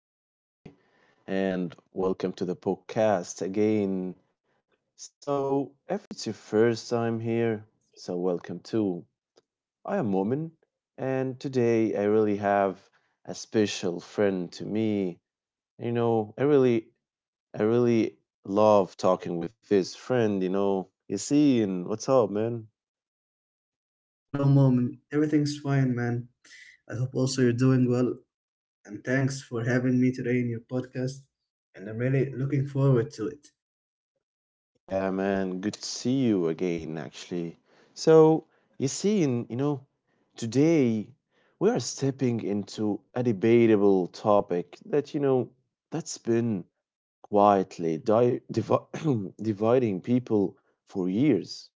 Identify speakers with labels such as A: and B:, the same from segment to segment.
A: what's up, everybody, and welcome to the podcast again. If it's your first time here, so welcome too. I am Momin, and today I really have a special friend to me. You know, I really, I really love talking with this friend. You know, Yassine, what's up, man?
B: Hello, mom. Everything's fine, man. I hope also you're doing well. And thanks for having me today in your podcast. And I'm really looking forward to it.
A: Yeah, man, good to see you again, actually. So, you see, in, you know, Today we are stepping into a debatable topic that, you know, that's been quietly dividing people for years,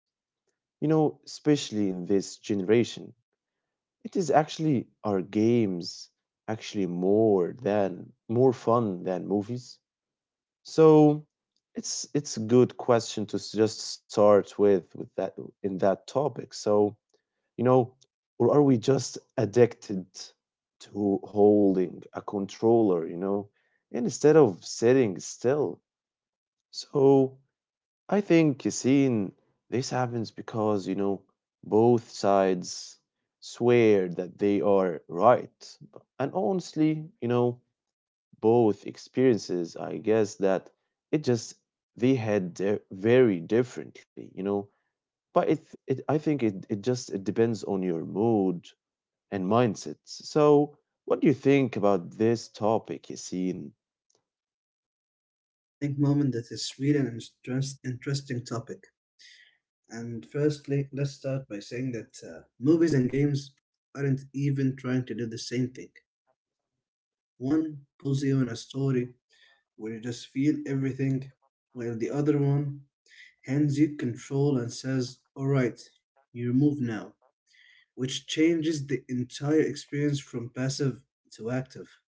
A: you know, especially in this generation. It is actually, are games actually more fun than movies? So it's a good question to just start with that in that topic. So, you know, or are we just addicted to holding a controller, you know, instead of sitting still? So I think, Yassine, this happens because, you know, both sides swear that they are right. And honestly, you know, both experiences, I guess that it just they had their very differently, you know. But it I think it, it just it depends on your mood and mindset. So what do you think about this topic, Yasin?
B: I think, mom, that is really an interesting topic. And firstly, let's start by saying that movies and games aren't even trying to do the same thing. One pulls you in a story where you just feel everything, while the other one hands you control and says, "All right, you move now," which changes the entire experience from passive to active.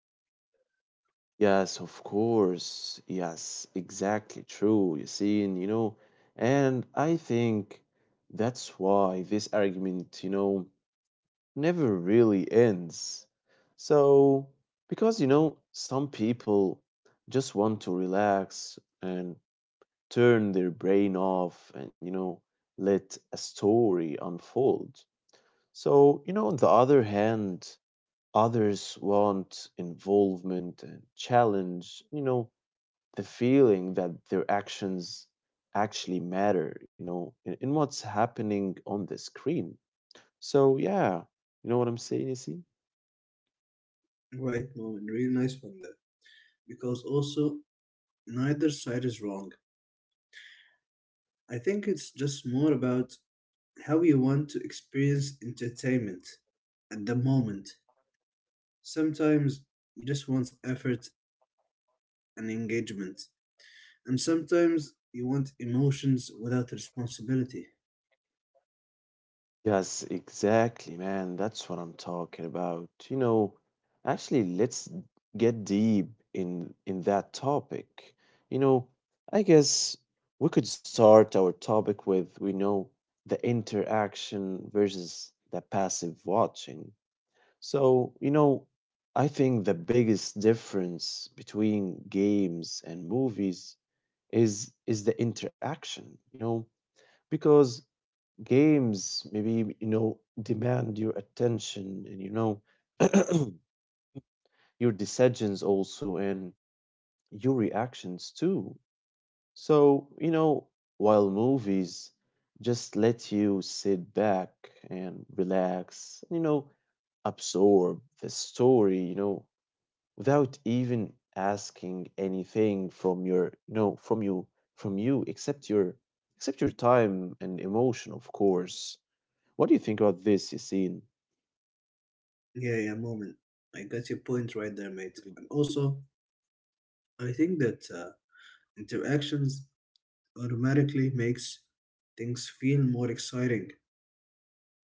A: Yes, of course. Yes, exactly true, Yasin, you know. And I think that's why this argument, you know, never really ends. So, because you know, some people just want to relax and turn their brain off, and, you know, let a story unfold. So, you know, on the other hand, others want involvement and challenge, you know, the feeling that their actions actually matter, you know, in what's happening on the screen. So, yeah, you know what I'm saying, you
B: Right, moment, really nice one there. Because also, neither side is wrong. I think it's just more about how you want to experience entertainment at the moment. Sometimes you just want effort and engagement, and sometimes you want emotions without responsibility.
A: Yes, exactly, man. That's what I'm talking about. You know, actually, let's get deep in that topic. You know, I guess we could start our topic with we know the interaction versus the passive watching. So, you know, I think the biggest difference between games and movies is the interaction, you know, because games maybe, you know, demand your attention, and, you know, your decisions also, and your reactions too. So, you know, while movies just let you sit back and relax, you know, absorb the story, you know, without even asking anything from from from you, except except your time and emotion, of course. What do you think about this, Yassine?
B: Yeah, yeah, moment. I got your point right there, mate. And also, I think that interactions automatically makes things feel more exciting,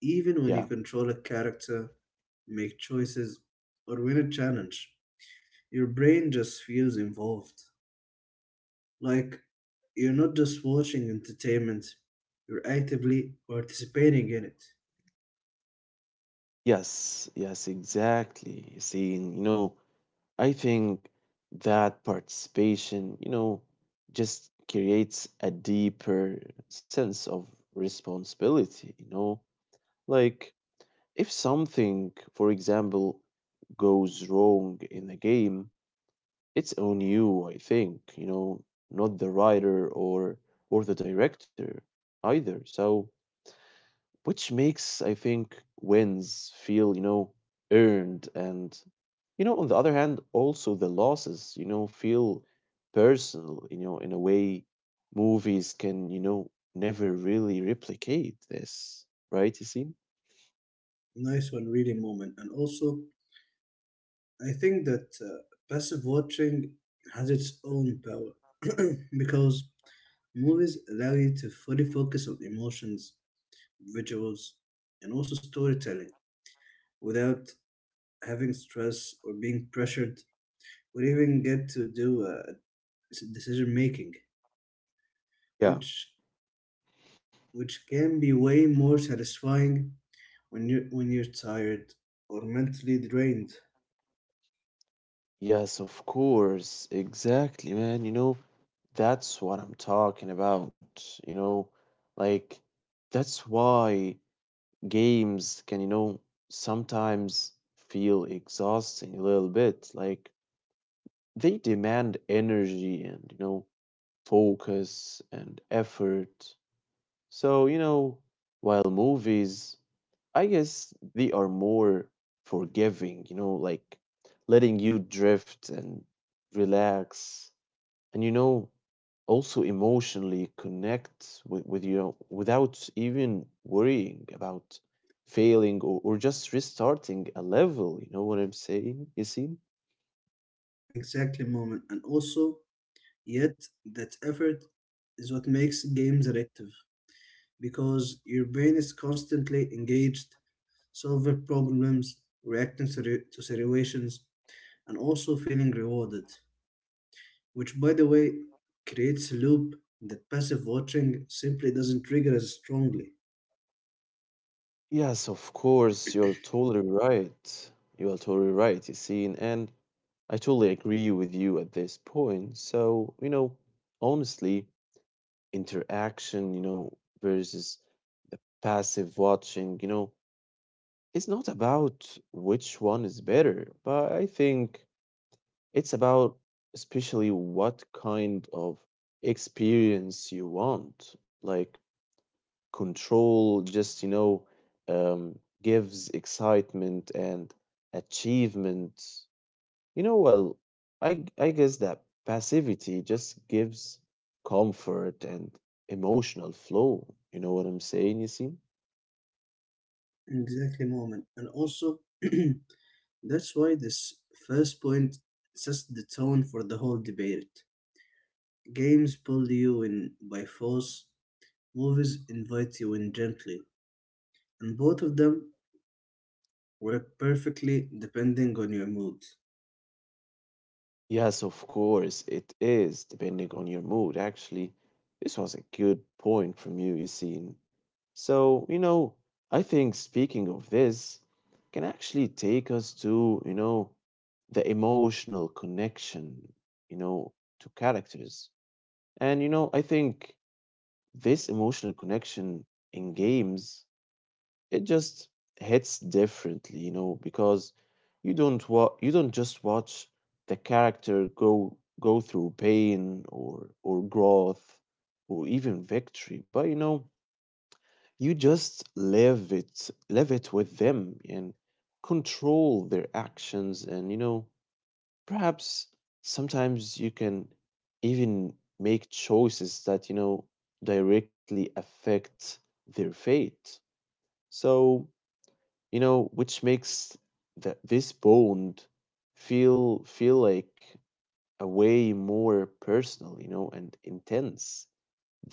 B: even when
A: Yeah.
B: you control a character, make choices, or win a challenge. Your brain just feels involved. Like you're not just watching entertainment, you're actively participating in it.
A: Yes. Yes. Exactly. Seeing, you know, I think that participation, you know, just creates a deeper sense of responsibility, you know? Like, if something, for example, goes wrong in the game, it's on you, I think, you know, not the writer or the director either. So, which makes, I think, wins feel, you know, earned, and, you know, on the other hand, also the losses, you know, feel personal, you know, in a way movies can, you know, never really replicate this, right, Yassine?
B: Nice one, really, moment. And also, I think that passive watching has its own power because movies allow you to fully focus on emotions, visuals, and also storytelling without having stress or being pressured or even get to do decision making,
A: Yeah.
B: which which can be way more satisfying when you're tired or mentally drained.
A: Yes, of course. Exactly, man. You know, that's what I'm talking about, you know? Like, that's why games can, you know, sometimes feel exhausting a little bit. Like, they demand energy, and, you know, focus and effort. So, you know, while movies, I guess they are more forgiving, you know, like letting you drift and relax. And, you know, also emotionally connect with you without even worrying about failing, or just restarting a level. You know what I'm saying? You see?
B: Exactly, moment, and also yet, that effort is what makes games addictive because your brain is constantly engaged, solving problems, reacting to situations, and also feeling rewarded. Which, by the way, creates a loop that passive watching simply doesn't trigger as strongly.
A: Yes, of course, you're totally right. You're totally right, you see, and I totally agree with you at this point. So, you know, honestly, interaction, you know, versus the passive watching, you know, it's not about which one is better, but I think it's about especially what kind of experience you want. Like control just, you know, gives excitement and achievement. You know, well, I guess that passivity just gives comfort and emotional flow. You know what I'm saying, you see?
B: Exactly, moment. And also, that's why this first point sets the tone for the whole debate. Games pull you in by force. Movies invite you in gently, and both of them work perfectly depending on your mood.
A: Yes, of course, it is, depending on your mood. Actually, this was a good point from you, you see. So, you know, I think speaking of this can actually take us to, you know, the emotional connection, you know, to characters. And, you know, I think this emotional connection in games, it just hits differently, you know, because you don't just watch the character go through pain or growth or even victory, but, you know, you just live it with them, and control their actions, and, you know, perhaps sometimes you can even make choices that, you know, directly affect their fate. So, you know, which makes this bond feel like a way more personal, you know, and intense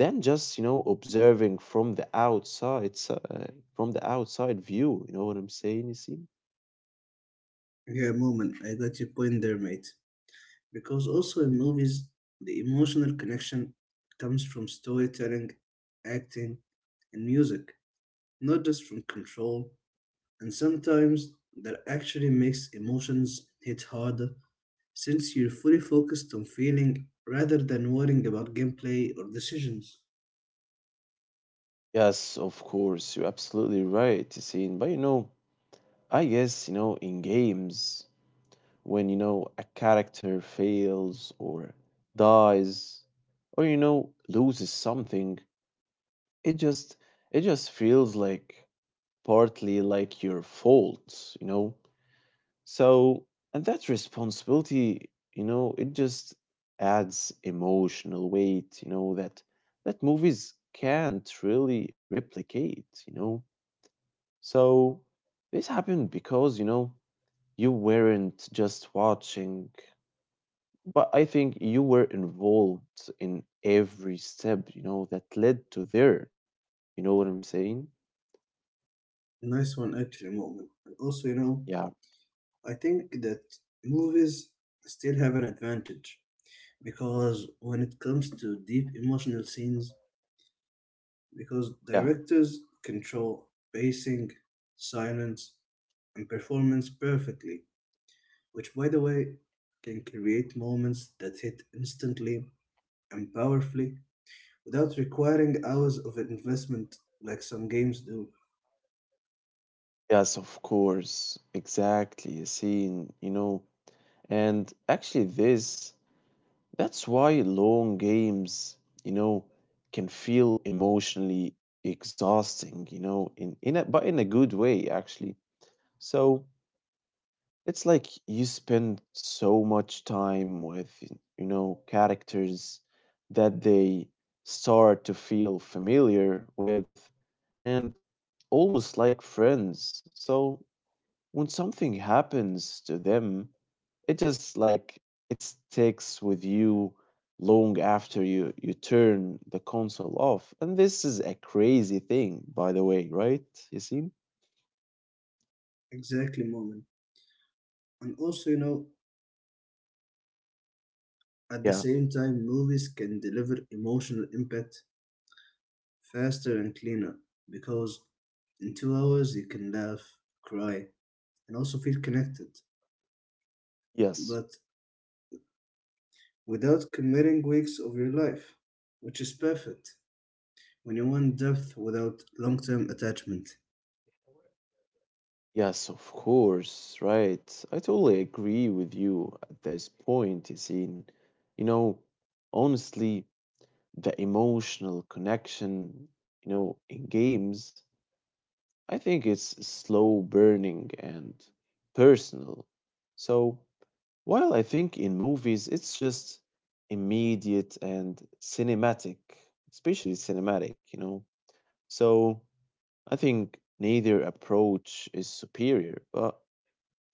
A: than just, you know, observing from the outside, from the outside view, you know what I'm saying, you see?
B: Yeah, moment, I got your point there, mate. Because also in movies, the emotional connection comes from storytelling, acting, and music, not just from control. And sometimes that actually makes emotions hit harder since you're fully focused on feeling rather than worrying about gameplay or decisions.
A: Yes, of course, you're absolutely right, Yasin. But you know, I guess, you know, in games, when, you know, a character fails or dies or, you know, loses something, it just it just feels like partly like your fault, you know? So, and that responsibility, you know, it just adds emotional weight, you know, that movies can't really replicate, you know? So this happened because, you know, you weren't just watching, but I think you were involved in every step, you know, that led to there. You know what I'm saying?
B: Nice one, actually, moment. And also, you know,
A: Yeah,
B: I think that movies still have an advantage because when it comes to deep emotional scenes, because
A: yeah.
B: directors control pacing, silence, and performance perfectly, which, by the way, can create moments that hit instantly and powerfully without requiring hours of investment like some games do.
A: Yes, of course. Exactly. A scene, you know. And actually this that's why long games, you know, can feel emotionally exhausting, you know, but in a good way actually. So it's like you spend so much time with, you know, characters that they start to feel familiar with, and almost like friends. So when something happens to them, it just like it sticks with you long after you turn the console off. And this is a crazy thing, by the way, right? You see?
B: Exactly, moment. And also, you know, at the
A: Yeah.
B: same time, movies can deliver emotional impact faster and cleaner because in 2 hours you can laugh, cry, and also feel connected,
A: Yes.
B: but without committing weeks of your life, which is perfect when you want depth without long term attachment.
A: Yes, of course, right. I totally agree with you at this point, Yasin. You know, honestly, the emotional connection, you know, in games, I think it's slow burning and personal. So, while I think in movies it's just immediate and cinematic, especially cinematic, you know. So, I think neither approach is superior, but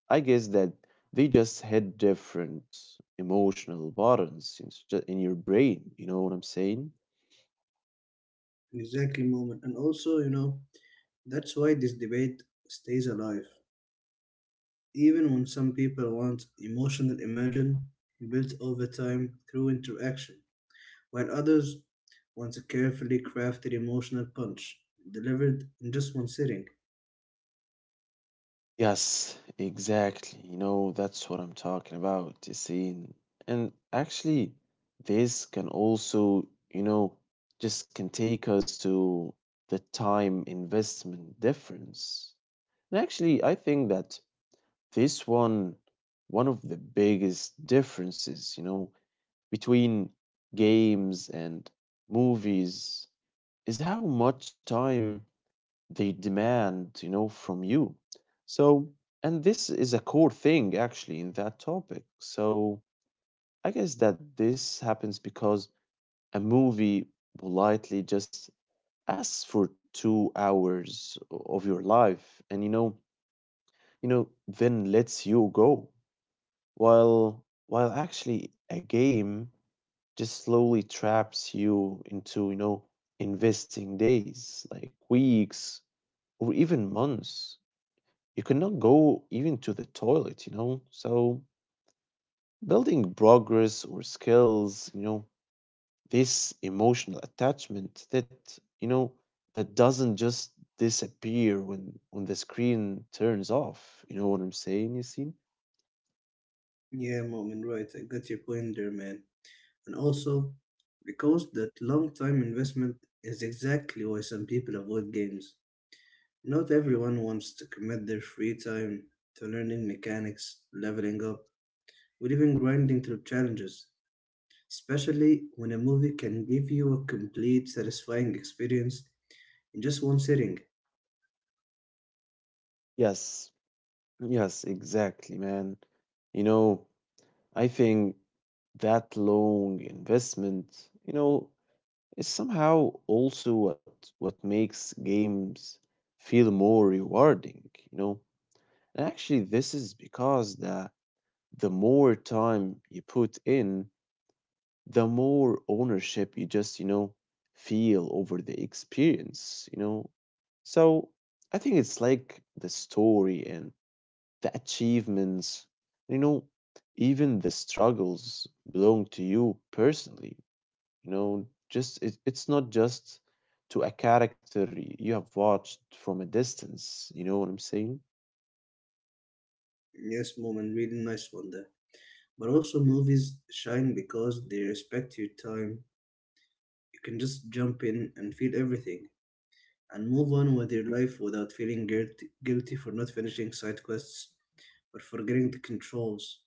A: I guess that they just had different emotional buttons in, in your brain. You know what I'm saying?
B: Exactly, moment. And also, you know, that's why this debate stays alive. Even when some people want emotional immersion built over time through interaction, while others want a carefully crafted emotional punch delivered in just one sitting.
A: Yes, exactly. You know, that's what I'm talking about, you see. And actually, this can also, you know, just can take us to the time investment difference. And actually, I think that this one, one of the biggest differences, you know, between games and movies is how much time they demand, you know, from you. So, and this is a core thing actually in that topic. So, I guess that this happens because a movie politely just asks for 2 hours of your life, and, you know, then lets you go. While while actually a game just slowly traps you into, you know, investing days, like weeks or even months. You cannot go even to the toilet, you know? So, building progress or skills, you know, this emotional attachment that, you know, that doesn't just disappear when the screen turns off. You know what I'm saying, Yasin?
B: Yeah, Moment, right. I got your point there, man. And also, because that long time investment is exactly why some people avoid games. Not everyone wants to commit their free time to learning mechanics, leveling up, or even grinding through challenges, especially when a movie can give you a complete, satisfying experience in just one sitting.
A: Yes. Yes, exactly, man. You know, I think that long investment, you know, is somehow also what makes games feel more rewarding, you know. And actually this is because the more time you put in, the more ownership you just, you know, feel over the experience, you know. So I think it's like the story and the achievements, you know, even the struggles belong to you personally, you know, just it's not just to a character you have watched from a distance, you know what I'm saying?
B: Yes, Moment, really nice one there. But also, movies shine because they respect your time. You can just jump in and feel everything and move on with your life without feeling guilty, guilty for not finishing side quests or forgetting the controls,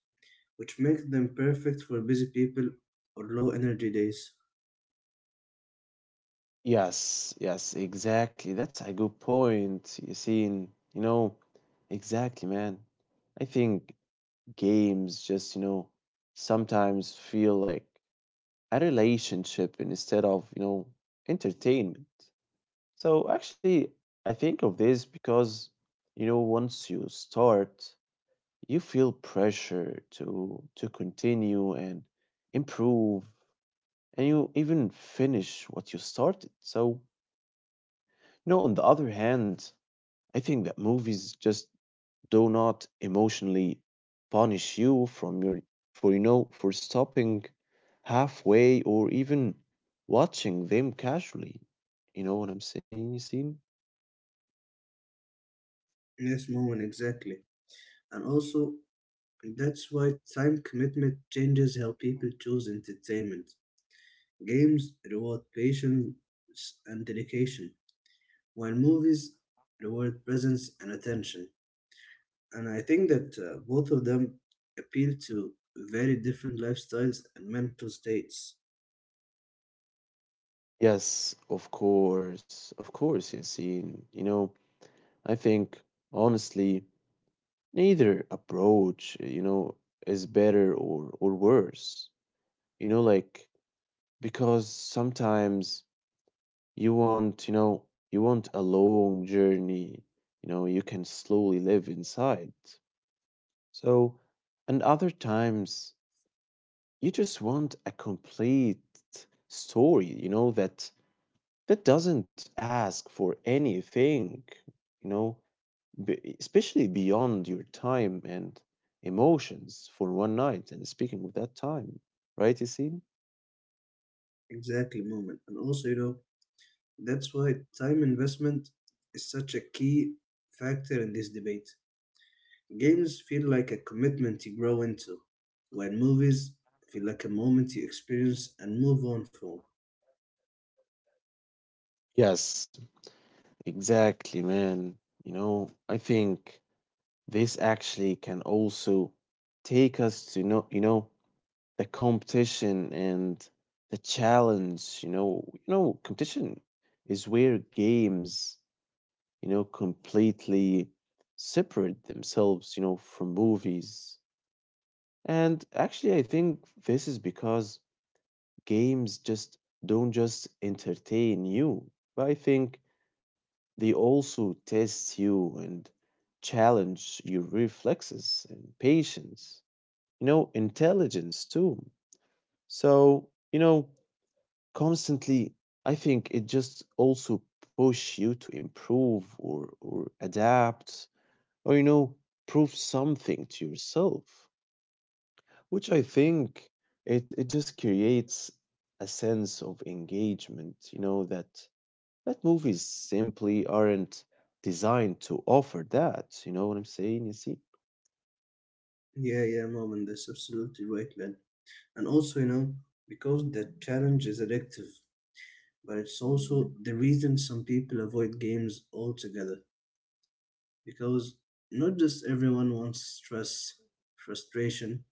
B: which makes them perfect for busy people or low energy days.
A: Yes, yes, exactly, that's a good point, you see. You know, exactly, man. I think games just, you know, sometimes feel like a relationship instead of, you know, entertainment. So actually I think of this because, you know, once you start you feel pressure to continue and improve, and you even finish what you started. So no, on the other hand, I think that movies just do not emotionally punish you from your, for, you know, for stopping halfway or even watching them casually, you know what I'm saying, Yasin?
B: Yes, moment, exactly. And also, that's why time commitment changes how people choose entertainment. Games reward patience and dedication while movies reward presence and attention. And I think that both of them appeal to very different lifestyles and mental states.
A: Yes, of course, of course, Yasin. You know, I think honestly neither approach, you know, is better or worse. You know, like because sometimes you want, you know, you want a long journey, you know, you can slowly live inside. So, and other times you just want a complete story, you know, that that doesn't ask for anything, you know, especially beyond your time and emotions for one night. And speaking of that time, right, Yassine?
B: Exactly, moment. And also, you know, that's why time investment is such a key factor in this debate. Games feel like a commitment you grow into, while movies feel like a moment you experience and move on from.
A: Yes, exactly, man. You know, I think this actually can also take us to know, you know, the competition and the challenge. You know, competition is where games, you know, completely separate themselves, you know, from movies. And actually, I think this is because games just don't just entertain you, but I think they also test you and challenge your reflexes and patience, you know, intelligence too. So, you know, constantly, I think it just also push you to improve or adapt or, you know, prove something to yourself. Which I think it just creates a sense of engagement, you know, that movies simply aren't designed to offer that. You know what I'm saying, you see?
B: Yeah, yeah, moment. That's absolutely right, man. And also, you know, because the challenge is addictive but it's also the reason some people avoid games altogether because not just everyone wants stress, frustration,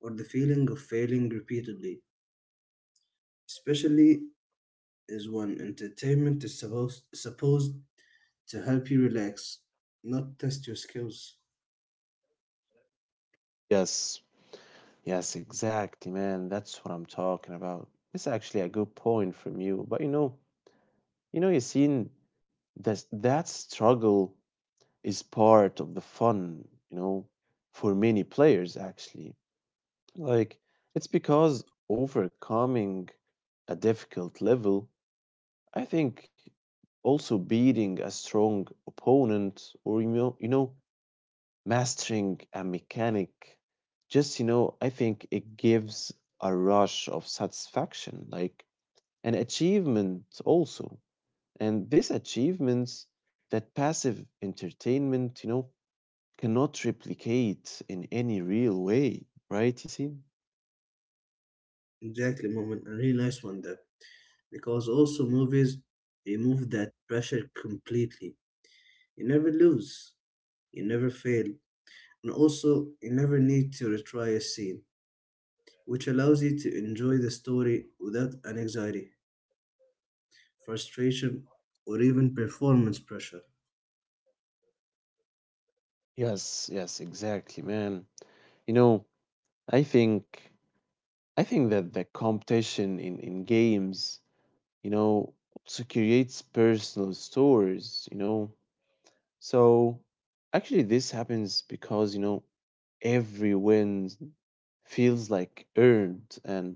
B: or the feeling of failing repeatedly, especially is when entertainment is supposed to help you relax, not test your skills.
A: Yes. Yes, exactly, man. That's what I'm talking about. It's actually a good point from you. But you know, you've seen that struggle is part of the fun, you know, for many players actually. Like it's because overcoming a difficult level, I think also beating a strong opponent or, you know, mastering a mechanic just, you know, I think it gives a rush of satisfaction like an achievement also, and these achievements that passive entertainment, you know, cannot replicate in any real way, right, you see?
B: Exactly, moment, a really nice one there. Because also movies remove that pressure completely. You never lose, you never fail, and also you never need to retry a scene, which allows you to enjoy the story without an anxiety, frustration, or even performance pressure.
A: Yes, yes, exactly, man. You know, I think I think that the competition in games, you know, also creates personal stories, you know. So actually, this happens because, you know, every win feels like earned, and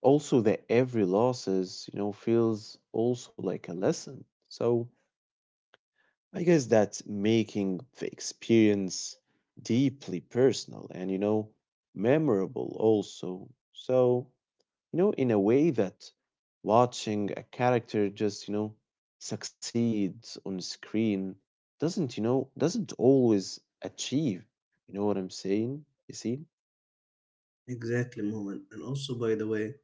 A: also that every losses, you know, feels also like a lesson. So I guess that's making the experience deeply personal and, you know, memorable also. So, you know, in a way that watching a character just, you know, succeed on screen doesn't always achieve, you know what I'm saying, you see?
B: Exactly, moment. And also, by the way,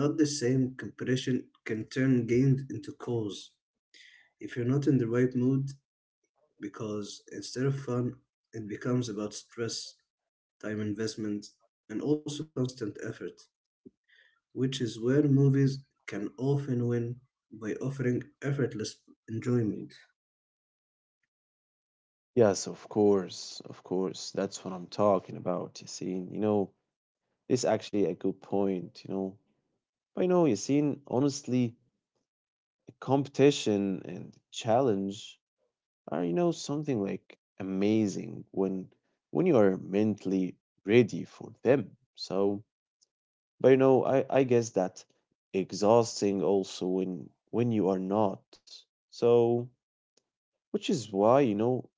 B: not the same competition can turn games into cause if you're not in the right mood, because instead of fun, it becomes about stress, time investment, and also constant effort, which is where movies can often win by offering effortless enjoyment.
A: Yes, of course, of course. That's what I'm talking about, you see. You know, it's actually a good point, you know. But you know, you see, honestly, competition and challenge are, you know, something like amazing when you are mentally ready for them. So but you know, I guess that exhausting also when you are not. So, which is why, you know,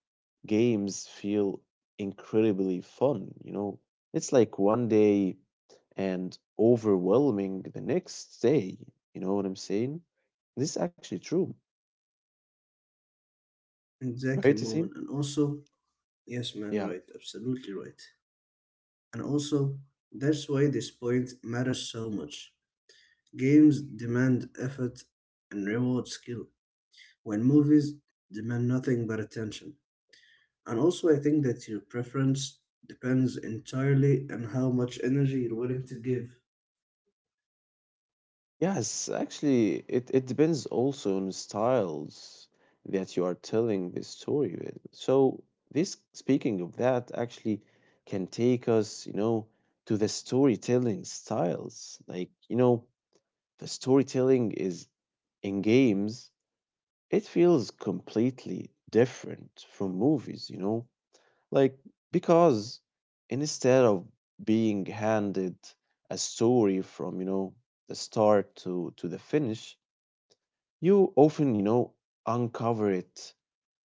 A: games feel incredibly fun, you know. It's like one day and overwhelming the next day. You know what I'm saying? This is actually true, right?
B: Exactly,
A: You see?
B: moment. And also, yes, man,
A: Yeah.
B: right. Absolutely right. And also, that's why this point matters so much. Games demand effort and reward skill, when movies demand nothing but attention. And also, I think that your preference depends entirely on how much energy you're willing to give.
A: Yes, actually, it depends also on the styles that you are telling the story with. So this, speaking of that, actually can take us, you know, to the storytelling styles. Like, you know, the storytelling is in games, it feels completely different from movies, you know. Like, because instead of being handed a story from, you know, the start to the finish, you often, you know, uncover it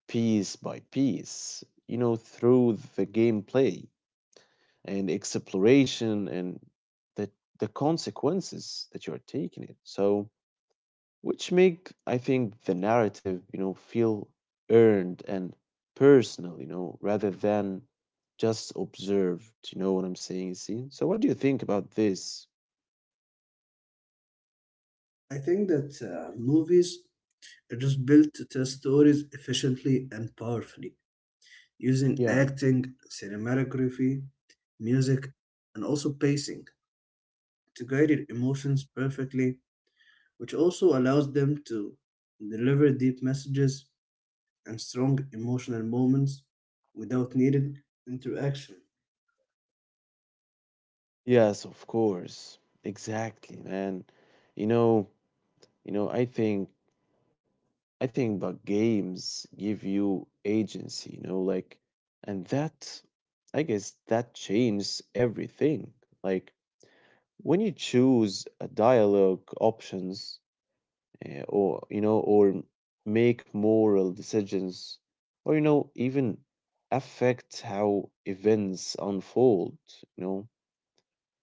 A: piece by piece, you know, through the gameplay and exploration and the, the consequences that you are taking it. So, which make I think the narrative, you know, feel earned and personal, you know, rather than just observed. You know what I'm saying, see? So what do you think about this?
B: I think that movies are just built to tell stories efficiently and powerfully, using
A: Yeah.
B: acting, cinematography, music, and also pacing to guide your emotions perfectly, which also allows them to deliver deep messages and strong emotional moments without needed interaction.
A: Yes, of course. Exactly, man. You know, you know, I think but games give you agency, you know, like, and that I guess that changes everything. Like when you choose a dialogue options, or, you know, or make moral decisions, or, you know, even affect how events unfold, you know.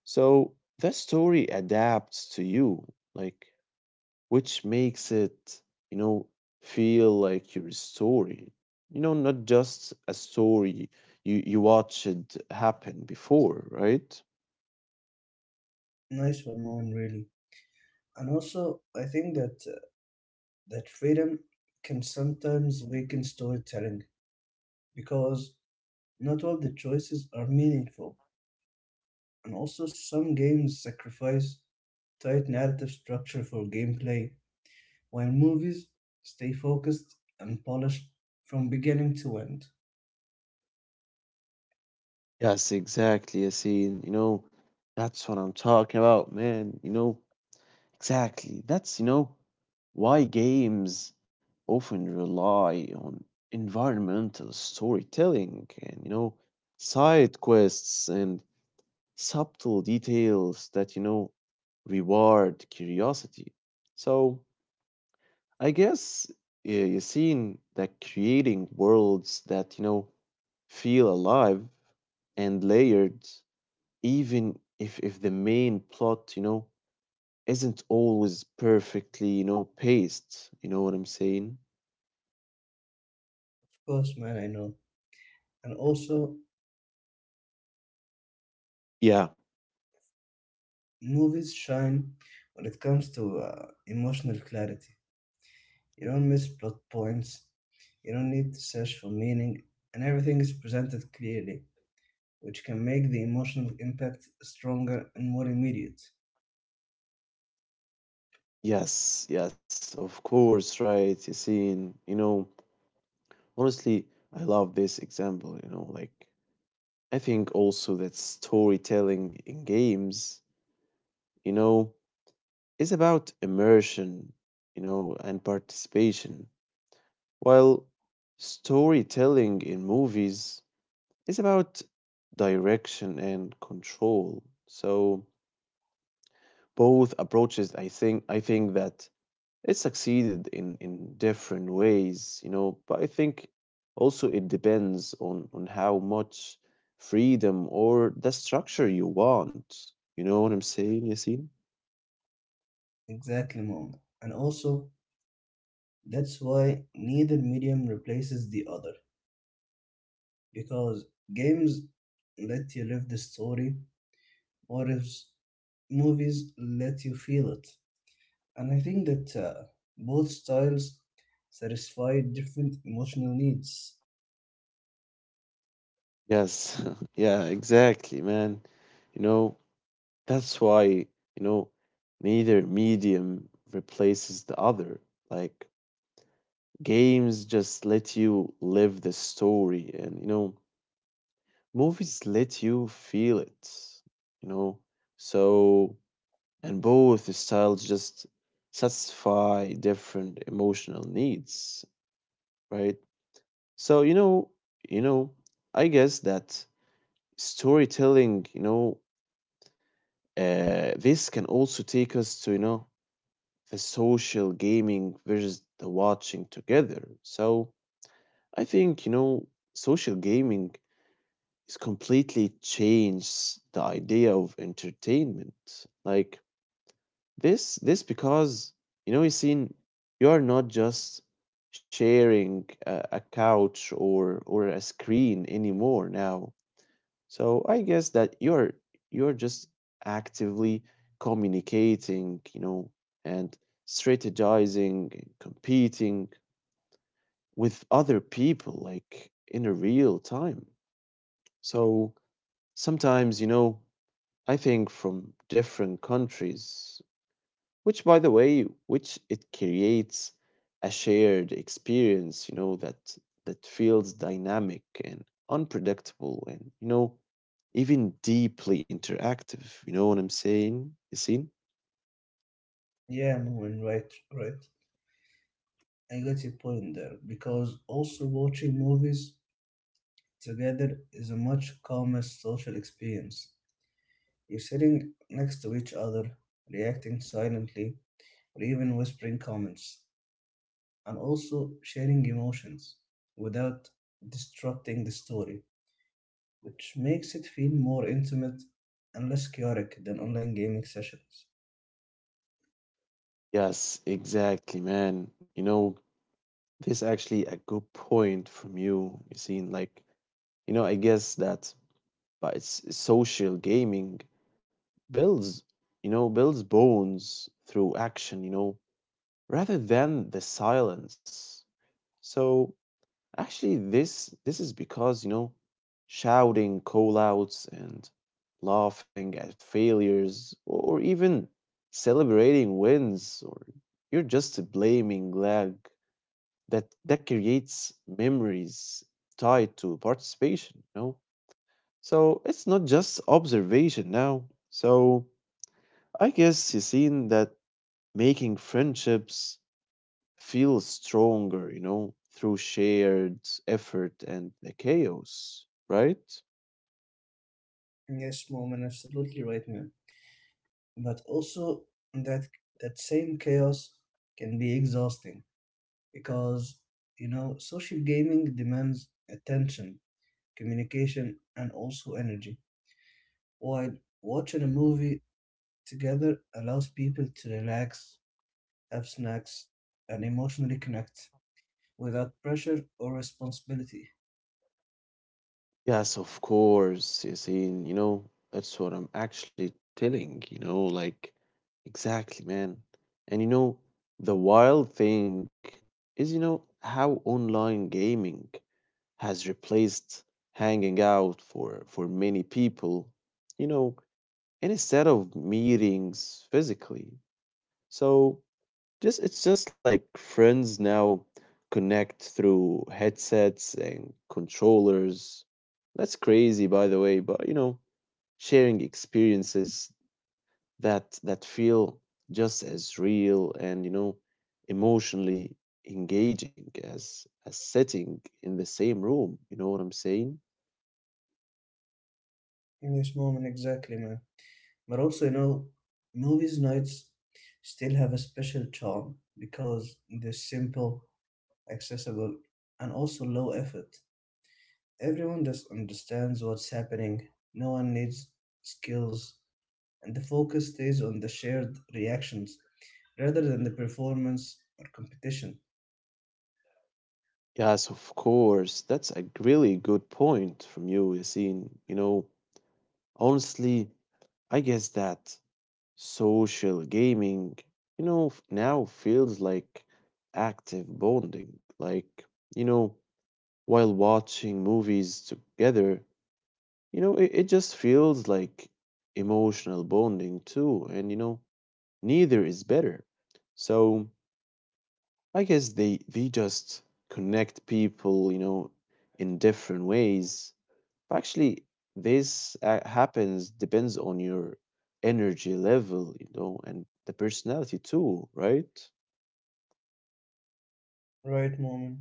A: So the story adapts to you, like, which makes it, you know, feel like your story, you know, not just a story you watched happen before, right?
B: Nice one, Mohan, really. And also, I think that that freedom can sometimes weaken storytelling because not all the choices are meaningful, and also some games sacrifice tight narrative structure for gameplay while movies stay focused and polished from beginning to end.
A: Yes, exactly, Yasin. You know, that's what I'm talking about, man. You know, exactly. That's, you know, why games often rely on environmental storytelling and, you know, side quests and subtle details that, you know, reward curiosity. So I guess, you've seen that creating worlds that, you know, feel alive and layered, even if the main plot, you know, isn't always perfectly, you know, paced. You know what I'm saying?
B: Of course, man, I know. And also,
A: Yeah.
B: movies shine when it comes to emotional clarity. You don't miss plot points, you don't need to search for meaning, and everything is presented clearly, which can make the emotional impact stronger and more immediate.
A: Yes. Yes. Of course. Right, Yasin. You know, honestly, I love this example. You know, like, I think also that storytelling in games, you know, is about immersion, you know, and participation, while storytelling in movies is about direction and control. So, both approaches, I think that it succeeded in different ways, you know, but I think also it depends on how much freedom or the structure you want, you know what I'm saying, Yasin?
B: Exactly, Mom. And also, that's why neither medium replaces the other, because games let you live the story, whereas movies let you feel it. And I think that both styles satisfy different emotional needs.
A: Yes, yeah, exactly, man. You know, that's why, you know, neither medium replaces the other. Like, games just let you live the story, and you know, movies let you feel it, you know. So, and both styles just satisfy different emotional needs, right? So, you know, I guess that storytelling, you know, this can also take us to, you know, the social gaming versus the watching together. So, I think, you know, social gaming it's completely changed the idea of entertainment. Like this because, you know, you seen you are not just sharing a couch or a screen anymore now. So I guess that you're just actively communicating, you know, and strategizing, and competing with other people like in a real time. So sometimes, you know, I think from different countries, which by the way, which it creates a shared experience, you know, that that feels dynamic and unpredictable, and you know, even deeply interactive. You know what I'm saying? You see?
B: Yeah, Mom, right, right. I got your point there because also watching movies together is a much calmer social experience. You're sitting next to each other, reacting silently, or even whispering comments, and also sharing emotions without disrupting the story, which makes it feel more intimate and less chaotic than online gaming sessions.
A: Yes, exactly, man. You know, this actually a good point from you. You see, like, you know, I guess that by social gaming, builds, you know, builds bones through action, you know, rather than the silence. So actually, this is because, you know, shouting call outs and laughing at failures or even celebrating wins or you're just blaming lag, that creates memories tied to participation, you know, so it's not just observation now. So I guess he's seen that making friendships feel stronger, you know, through shared effort and the chaos, right?
B: Yes, Moment, absolutely right, man. But also, that that same chaos can be exhausting because, you know, social gaming demands attention, communication, and also energy, while watching a movie together allows people to relax, have snacks, and emotionally connect without pressure or responsibility.
A: Yes, of course, Yasin. You know, that's what I'm actually telling, you know, like, exactly, man. And you know, the wild thing is, you know, how online gaming has replaced hanging out for many people. You know, and instead of meetings physically. So just it's just like friends now connect through headsets and controllers. That's crazy by the way, but you know, sharing experiences that that feel just as real and you know emotionally engaging as sitting in the same room, you know what I'm saying?
B: In this moment, exactly, man. But also, you know, movies nights still have a special charm because they're simple, accessible, and also low effort. Everyone just understands what's happening. No one needs skills, and the focus stays on the shared reactions rather than the performance or competition.
A: Yes, of course. That's a really good point from you, Yassine. You know, honestly, I guess that social gaming, you know, now feels like active bonding. Like, you know, while watching movies together, you know, it just feels like emotional bonding too. And, you know, neither is better. So I guess they just connect people, you know, in different ways. Actually, this happens depends on your energy level, you know, and the personality too, right?
B: Right, Moment.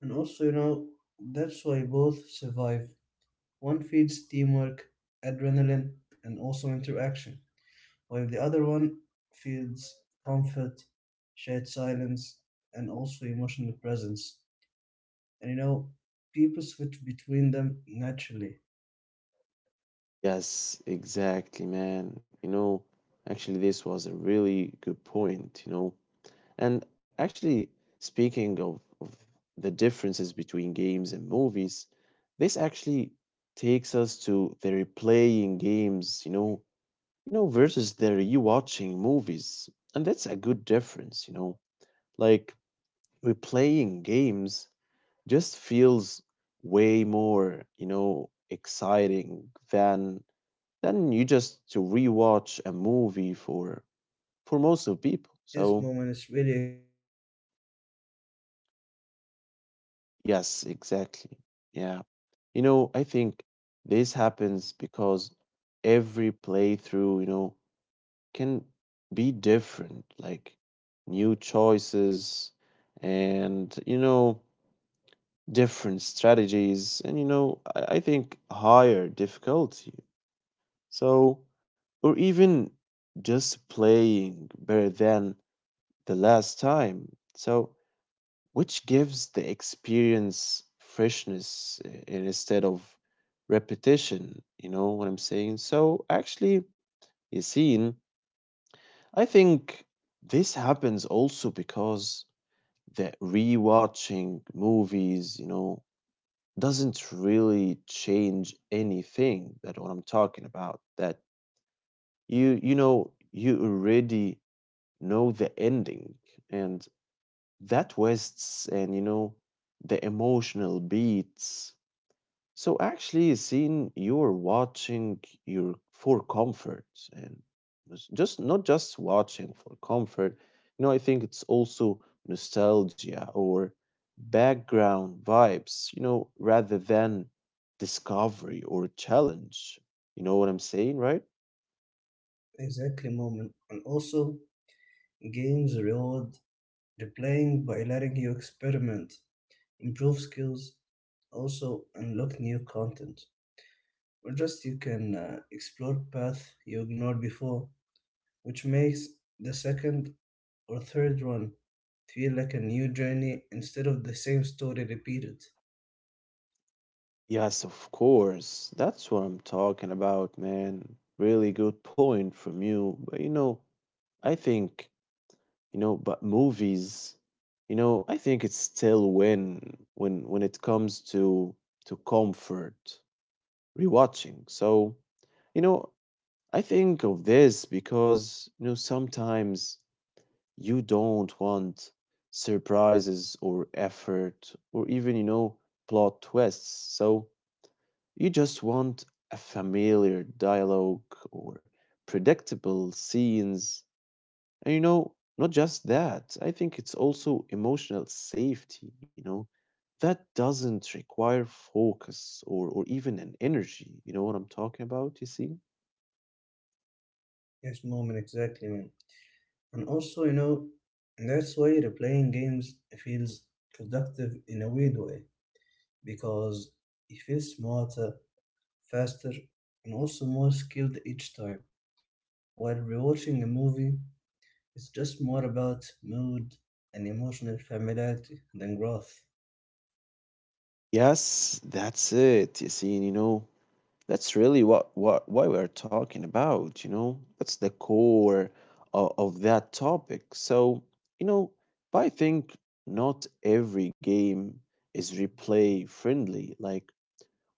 B: And also, you know, that's why both survive. One feeds teamwork, adrenaline, and also interaction, while the other one feeds comfort, shared silence, and also emotional presence. And you know, people switch between them naturally.
A: Yes, exactly, man. You know, actually, this was a really good point, you know. And actually, speaking of the differences between games and movies, this actually takes us to the replaying games, you know, versus the rewatching movies. And that's a good difference, you know. Like replaying games just feels way more, you know, exciting than you just to rewatch a movie for most of people.
B: Yes,
A: So
B: Moment, is really exciting, man.
A: yes, exactly. Yeah. You know, I think this happens because every playthrough, you know, can be different, like new choices and you know different strategies, and you know, I think higher difficulty. So, or
B: هو
A: even
B: النت فصل؟
A: just playing better than the last time. So, which gives the experience freshness instead of repetition. You know what I'm saying? So, actually, Yassine, I think this happens also because the rewatching movies, you know, doesn't really change anything that what I'm talking about that you know you already know the ending and that wastes and you know the emotional beats. So actually, seeing you're watching your for comfort and it's just not just watching for comfort. You know, I think it's also nostalgia or background vibes, you know, rather than discovery or challenge. You know what I'm saying, right?
B: Exactly, Moment. And also, games reward replaying by letting you experiment, improve skills, also unlock new content. Or just you can explore path you ignored before, which makes the second or third run feel like a new journey instead of the same story repeated.
A: Yes, of course. That's what I'm talking about, man. Really good point from you. But you know, I think, you know, but movies, you know, I think it's still win when it comes to comfort rewatching. So, you know, I think of this because, you know, sometimes you don't want surprises or effort or even, you know, plot twists. So you just want a familiar dialogue or predictable scenes, and you know, not just that, I think it's also emotional safety, you know, that doesn't require focus, or even an energy. You know what I'm talking about, you see?
B: Yes, Moment, exactly, man. And also, you know, that's why replaying games feels productive in a weird way because you feel smarter, faster, and also more skilled each time. While rewatching a movie, it's just more about mood and emotional familiarity than growth.
A: Yes, that's it, you see, and you know, that's really what why we're talking about, you know. That's the core of that topic. You know, but I think not every game is replay friendly.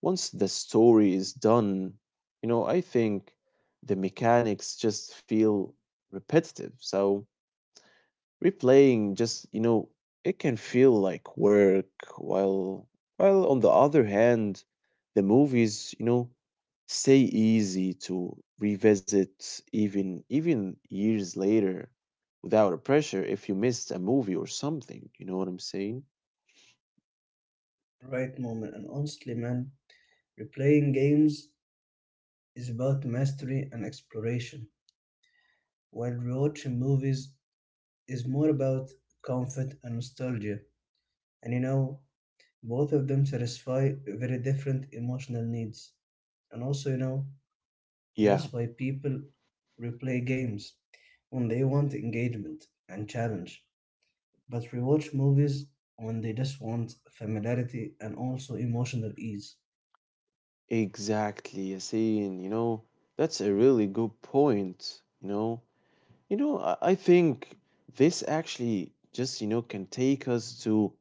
A: Once the story is done, I think the mechanics just feel repetitive. So replaying just, it can feel like work while on the other hand, the movies, stay easy to revisit even years later without a pressure if you missed a movie or something. You know what I'm saying?
B: Right, moment, and honestly, man, replaying games is about mastery and exploration, while rewatching movies is more about comfort and nostalgia. And you know, both of them satisfy very different emotional needs. And also, you know,
A: Yeah,
B: that's why people replay games when they want engagement and challenge, but rewatch movies when they just want familiarity and also emotional ease.
A: exactly, Yasin. That's a really good point. I think this actually just, can take us to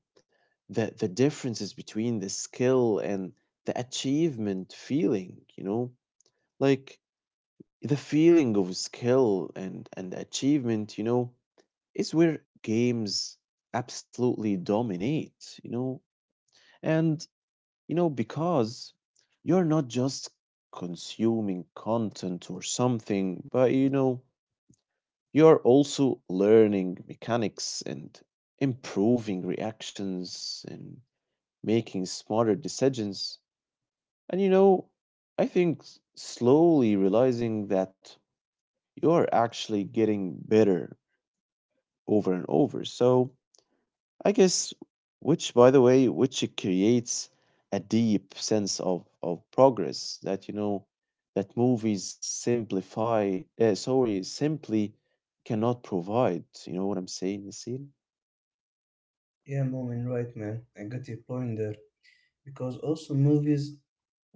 A: the differences between the skill and the achievement feeling, you know. Like the feeling of skill and achievement, is where games absolutely dominate, you know. And, because you're not just consuming content or something, but you're also learning mechanics and improving reactions and making smarter decisions. And you know, I think slowly realizing that you're actually getting better over and over. So I guess which by the way, which it creates a deep sense of progress that you know that movies simplify sorry simply cannot provide. You know what I'm saying, Nassim?
B: Yeah, moment, right, man. I got your point there. Because also, movies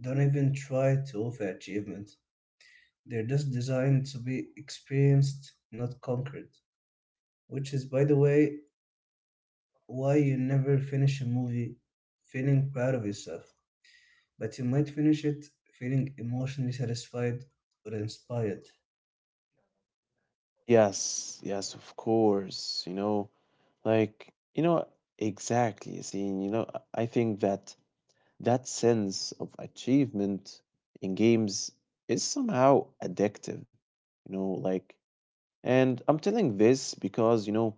B: don't even try to offer achievement. They're just designed to be experienced, not conquered. Which is, by the way, why you never finish a movie feeling proud of yourself, but you might finish it feeling emotionally satisfied or inspired.
A: Yes, yes, of course. Like you know exactly, Yasin. I think that that sense of achievement in games is somehow addictive, you know, like, and I'm telling this because,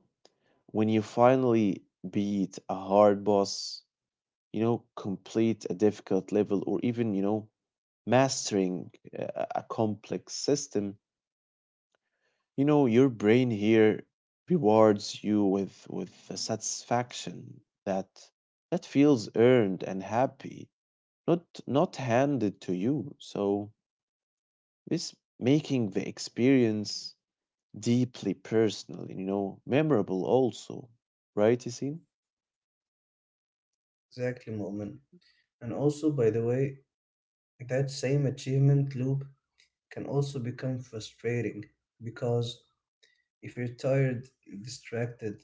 A: when you finally beat a hard boss, complete a difficult level, or even, mastering a complex system, your brain here rewards you with the satisfaction that feels earned and happy, not handed to you. So this making the experience deeply personal and you know memorable also, right, Yasin?
B: Exactly, Mu'min. And also, by the way, that same achievement loop can also become frustrating because if you're tired, distracted,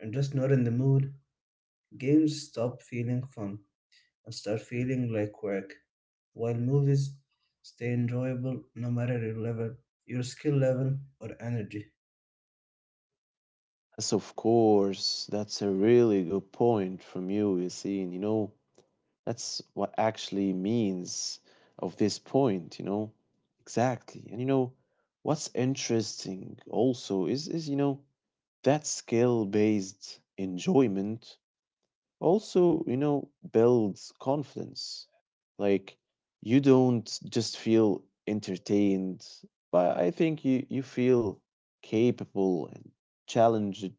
B: and just not in the mood, games stop feeling fun and start feeling like work, while movies stay enjoyable no matter your level, your skill level, or energy.
A: Yes, of course. That's a really good point from you, Yasin. That's what actually means of this point. Exactly. What's interesting also is you know that skill-based enjoyment also you know builds confidence, like you don't just feel entertained, but I think you feel capable and challenged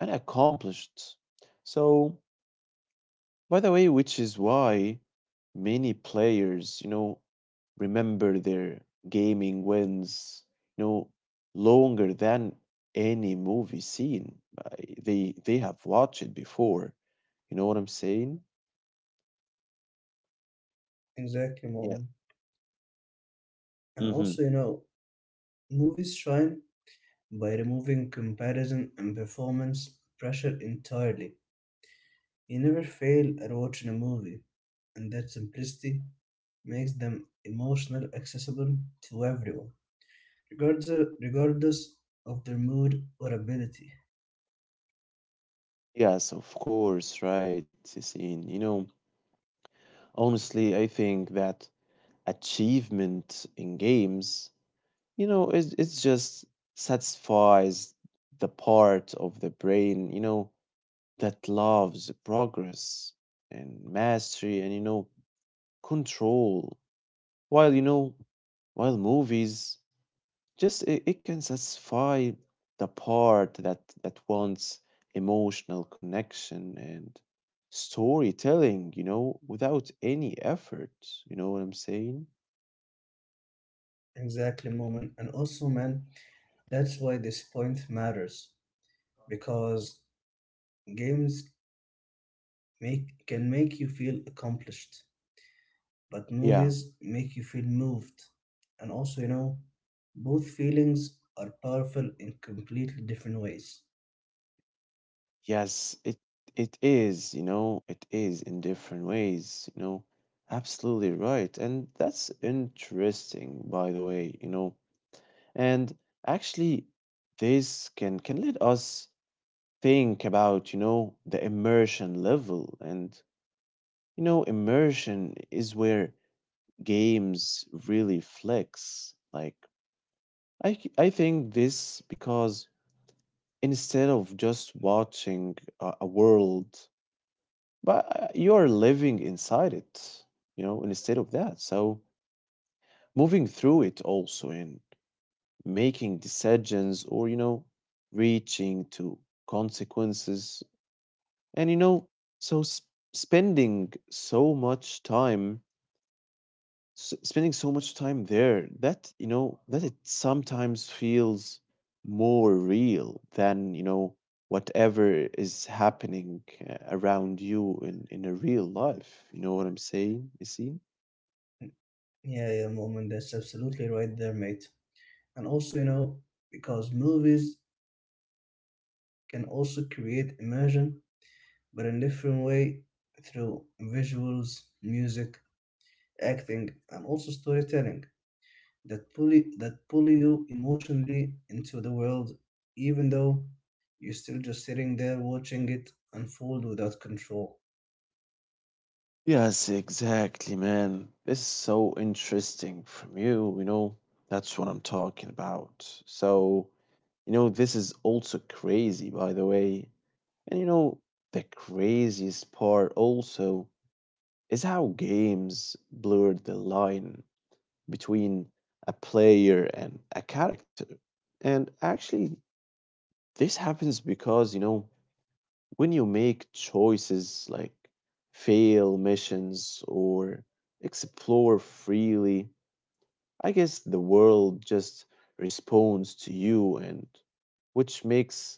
A: and accomplished. So, by the way, which is why many players you know remember their gaming wins you know longer than any movie scene they have watched it before. You know what I'm saying?
B: Exactly,
A: Yeah.
B: Mom. And
A: Mm-hmm.
B: also, you know, movies shine by removing comparison and performance pressure entirely. You never fail at watching a movie, and that simplicity makes them emotional accessible to everyone, regardless regardless of their mood or ability.
A: Yes, of course, right, Yassine. Honestly, I think that achievement in games, it just satisfies the part of the brain, that loves progress and mastery and, control. While, you know, while movies, just it can satisfy the part that wants emotional connection and storytelling, you know, without any effort. You know what I'm saying?
B: Exactly, Mom. And also, man, that's why this point matters because games make can make you feel accomplished but
A: Yeah.
B: movies make you feel moved. And also, you know, both feelings are powerful in completely different ways.
A: Yes, it is, it is in different ways, you know. Absolutely right. And that's interesting, by the way, you know. And actually this can let us think about, the immersion level. Immersion is where games really flex. I think this because instead of just watching a world, but you're living inside it, instead of that. So, moving through it also and making decisions or, reaching to consequences. And, you know, so spending so much time spending so much time there that you know that it sometimes feels more real than you know whatever is happening around you in a real life. You know what I'm saying, you see?
B: Yeah, moment, that's absolutely right there, mate. And also, you know, because movies can also create immersion, but in different way through visuals, music, acting, and also storytelling. That pull you emotionally into the world, even though you're still just sitting there watching it unfold without control.
A: Yes, exactly, man. This is so interesting from you, you know. That's what I'm talking about. So, you know, this is also crazy by the way. And you know, the craziest part also is how games blur the line between a player and a character. And actually, this happens because, when you make choices like fail missions or explore freely, I guess the world just responds to you, and which makes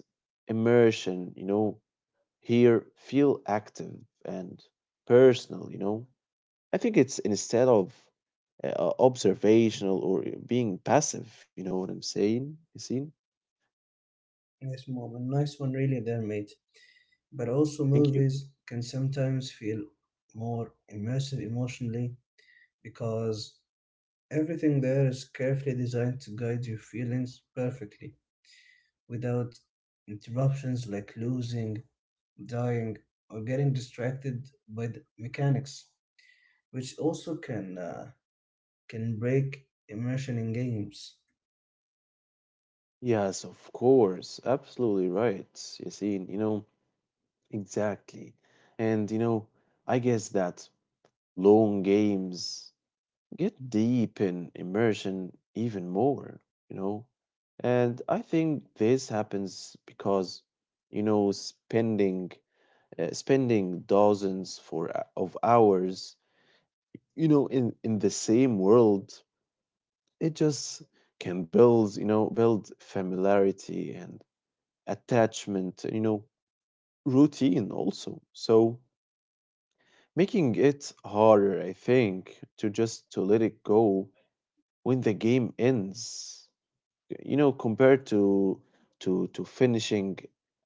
A: immersion, here feel active and personal, you know. I think it's instead of observational or being passive. You know what I'm saying, Yassine?
B: Yes, Mob, a nice one really there, mate. But also
A: Thank you.
B: movies can sometimes feel more immersive emotionally because everything there is carefully designed to guide your feelings perfectly without interruptions like losing, dying, or getting distracted by the mechanics, which also can break immersion in games.
A: Yes, of course. Absolutely right, Yassine. Exactly. And, you know, I guess that long games get deep in immersion even more, you know? And I think this happens because, you know, spending spending dozens for of hours you know in the same world. It just can build you know build familiarity and attachment, you know, routine also. So making it harder I think to just to let it go when the game ends, you know, compared to to finishing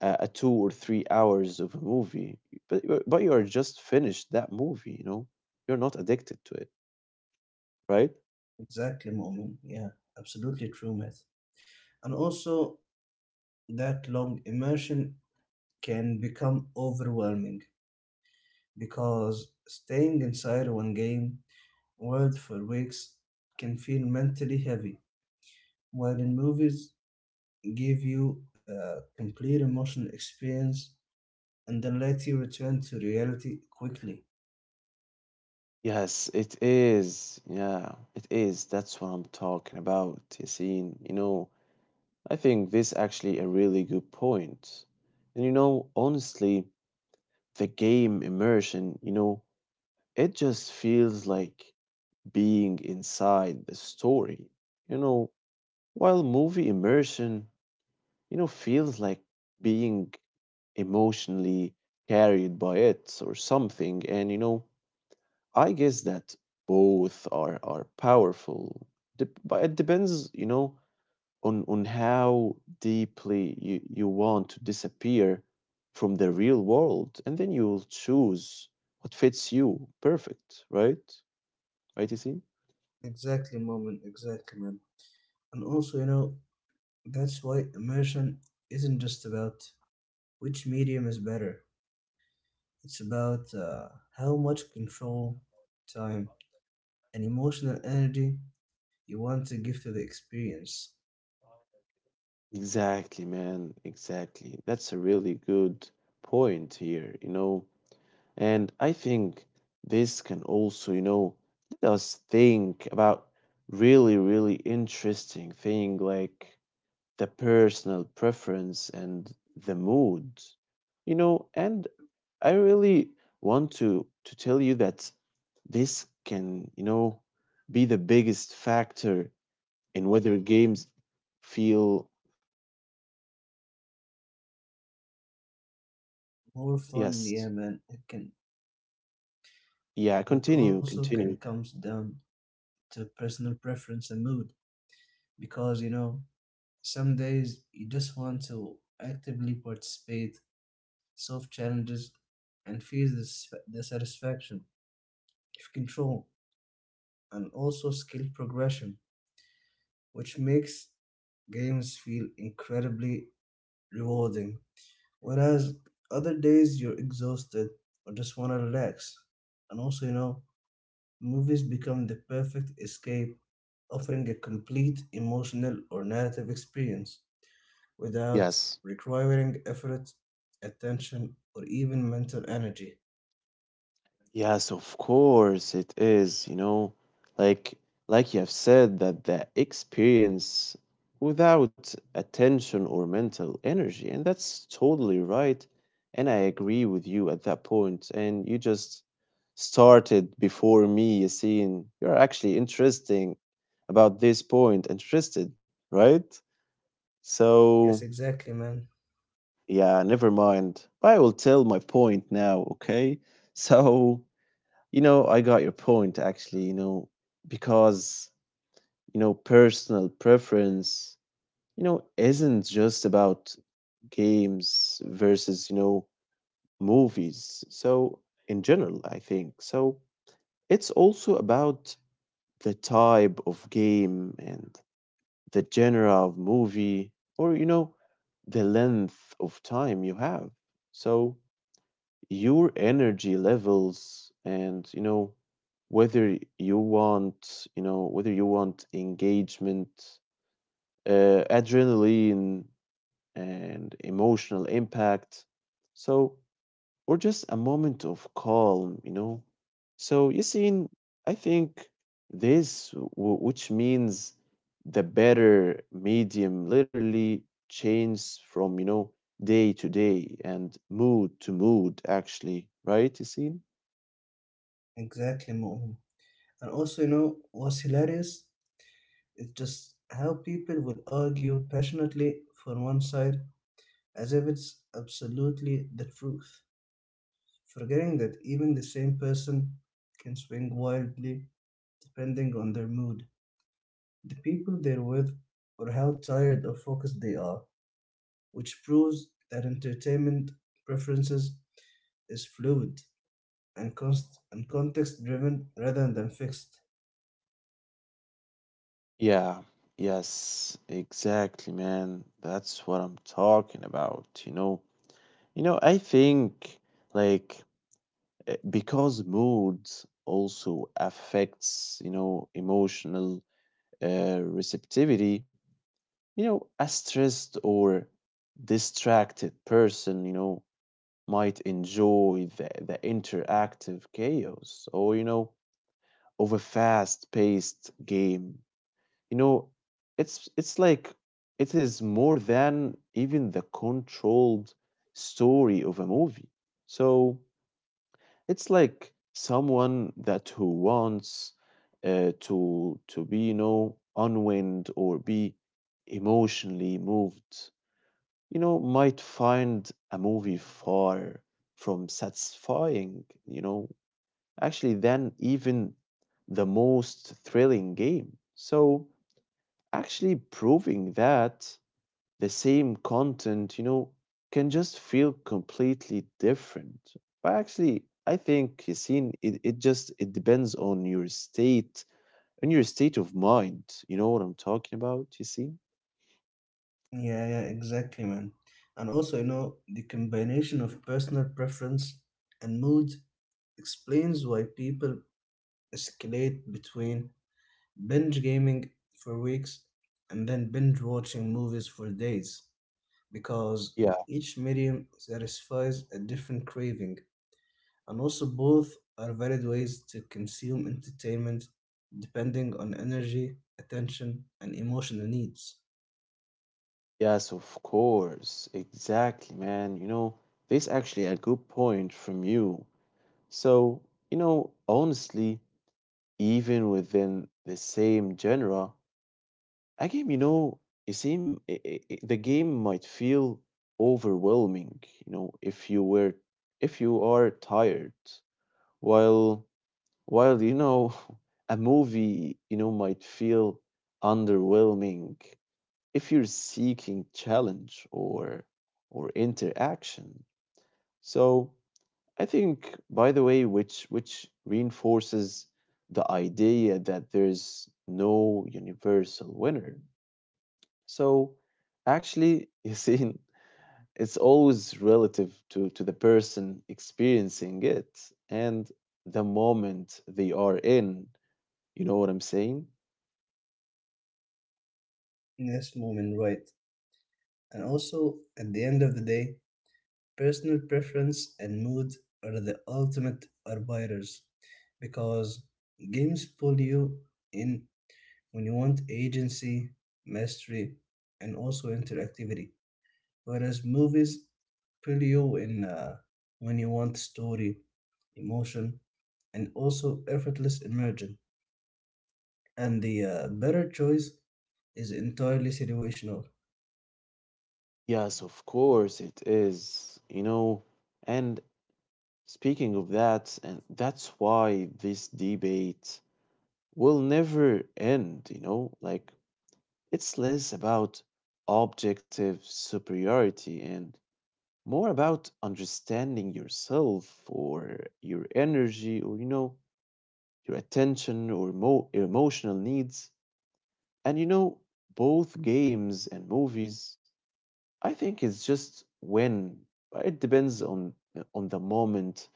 A: a 2 or 3 hours of a movie, but but you are just finished that movie, you know, you're not addicted to it, right?
B: Exactly, Moment. Yeah, absolutely true, Matt. And also, that long immersion can become overwhelming because staying inside one game world for weeks can feel mentally heavy, while in movies give you a complete emotional experience and then let you return to reality quickly.
A: Yes, it is. Yeah, it is. That's what I'm talking about, Yasin. I think this actually a really good point. Honestly, the game immersion, it just feels like being inside the story. You know, while movie immersion, feels like being emotionally carried by it or something. I guess that both are powerful, Dep but it depends, on how deeply you want to disappear from the real world, and then you'll choose what fits you perfect, right? Right, you see?
B: Exactly, Moment. Exactly, man. And also, you know, that's why immersion isn't just about which medium is better. It's about how much control, time, and emotional energy you want to give to the experience.
A: Exactly, man. Exactly. That's a really good point here, you know. And I think this can also, let us think about really, really interesting thing like the personal preference and the mood. You know, and I really want to tell you that this can, be the biggest factor in whether games feel.
B: More fun,
A: Yes.
B: yeah, man. It can,
A: Yeah,
B: and it
A: continue,
B: also can
A: continue.
B: comes down to personal preference and mood. Because you know, some days you just want to actively participate, solve challenges, and feel the satisfaction of control, and also skill progression which makes games feel incredibly rewarding. Whereas other days you're exhausted or just want to relax. And also, you know, movies become the perfect escape, offering a complete emotional or narrative experience without
A: Yes.
B: requiring effort, attention, or even mental energy.
A: Yes, of course it is, you know. Like like you have said that the experience without attention or mental energy, and that's totally right. And I agree with you at that point. And you just started before me, Yassine. You're actually interesting about this point, interested, right? So
B: Yes, exactly, man.
A: yeah, never mind. I will tell my point now, okay? So you know, I got your point actually, you know, because, personal preference, isn't just about games versus, movies. So, in general, I think. So, it's also about the type of game and the genre of movie or, the length of time you have. So, your energy levels and you know whether you want engagement, adrenaline and emotional impact, so, or just a moment of calm, you know? So, Yassine, I think this, w- which means the better medium, literally changes from, day to day and mood to mood, actually, right, Yassine?
B: Exactly, Mu'min. And also, you know, what's hilarious is just how people will argue passionately for one side as if it's absolutely the truth, forgetting that even the same person can swing wildly depending on their mood, the people they're with, or how tired or focused they are, which proves that entertainment preferences is fluid and context driven rather than fixed.
A: Yeah, yes, exactly, man. That's what I'm talking about, you know. I think like because mood also affects you know emotional receptivity. You know, a stressed or distracted person you know might enjoy the interactive chaos or you know of a fast paced game, you know. It's like it is more than even the controlled story of a movie. So it's like someone that who wants to be, unwind or be emotionally moved, might find a movie far from satisfying, actually than even the most thrilling game. So actually proving that the same content, can just feel completely different. But actually, I think Yassine, it just it depends on your state of mind. You know what I'm talking about, Yassine?
B: Yeah, exactly, man. And also, you know, the combination of personal preference and mood explains why people escalate between binge gaming for weeks and then binge watching movies for days because each medium satisfies a different craving and also both are valid ways to consume entertainment depending on energy attention and emotional needs.
A: Yes, of course. Exactly, man. This actually a good point from you. So, honestly, even within the same genre, a game, it seem I- the game might feel overwhelming, if you are tired, while while you know, a movie, might feel underwhelming if you're seeking challenge or interaction. So I think, by the way, which reinforces the idea that there's no universal winner. So actually, you see, it's always relative to the person experiencing it and the moment they are in. You know what I'm saying?
B: Yes moment right. And also at the end of the day personal preference and mood are the ultimate arbiters because games pull you in when you want agency, mystery, and also interactivity. Whereas movies pull you in when you want story, emotion, and also effortless immersion. And the better choice is entirely situational.
A: Yes, of course it is, you know, and speaking of that, and that's why this debate will never end, you know, like it's less about objective superiority and more about understanding yourself or your energy or, your attention or emotional needs. And, you know, Both games and movies, I think it's just when, but it depends on the moment.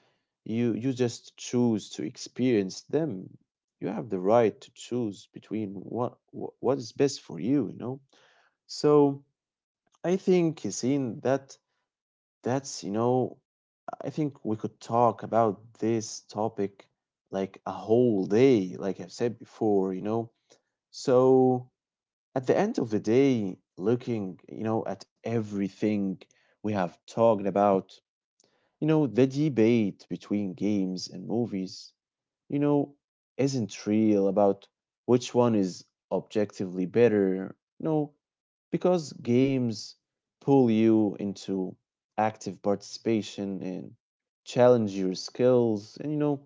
A: You just choose to experience them. You have the right to choose between what is best for you, you know. So I think seeing that that's you know I think we could talk about this topic like a whole day, like I've said before, you know. So at the end of the day, looking, at everything we have talked about, the debate between games and movies, you know, isn't real about which one is objectively better. No, because games pull you into active participation and challenge your skills and you know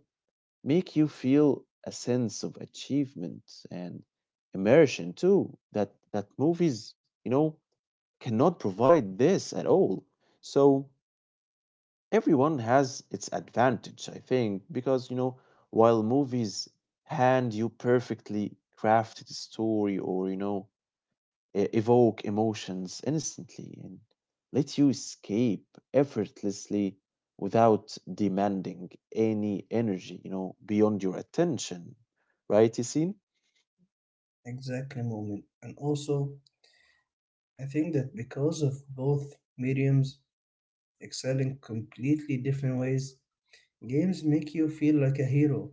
A: make you feel a sense of achievement and immersion too that movies you know cannot provide this at all. So everyone has its advantage I think because you know while movies hand you perfectly crafted story or you know evoke emotions instantly and let you escape effortlessly without demanding any energy, beyond your attention. Right, Yassine?
B: Exactly, moment. And also, I think that because of both mediums excel in completely different ways, games make you feel like a hero,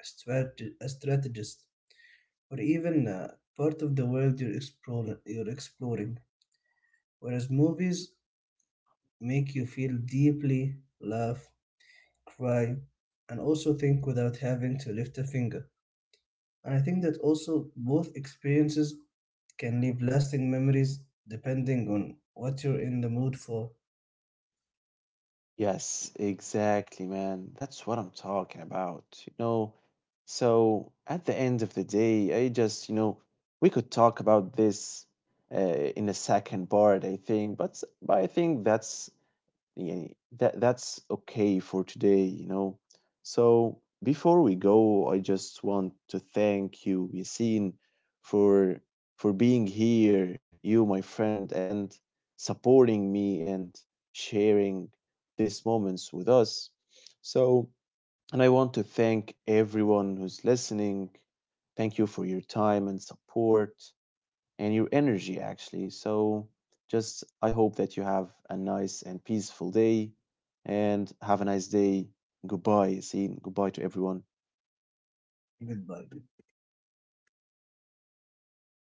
B: a strategist, or even part of the world you're exploring. Whereas movies make you feel deeply, laugh, cry, and also think without having to lift a finger. And I think that also both experiences can leave lasting memories depending on what you're in the mood for.
A: Yes, exactly, man. That's what I'm talking about, you know. So at the end of the day, I just, we could talk about this uh, in a second part, I think, but I think that's yeah, that's okay for today, you know. So before we go, I just want to thank you, Yasin, for being here, you my friend, and supporting me and sharing these moments with us. So, and I want to thank everyone who's listening. Thank you for your time and support and your energy actually. So just I hope that you have a nice and peaceful day and have a nice day. Goodbye. See, goodbye to everyone.
B: Goodbye.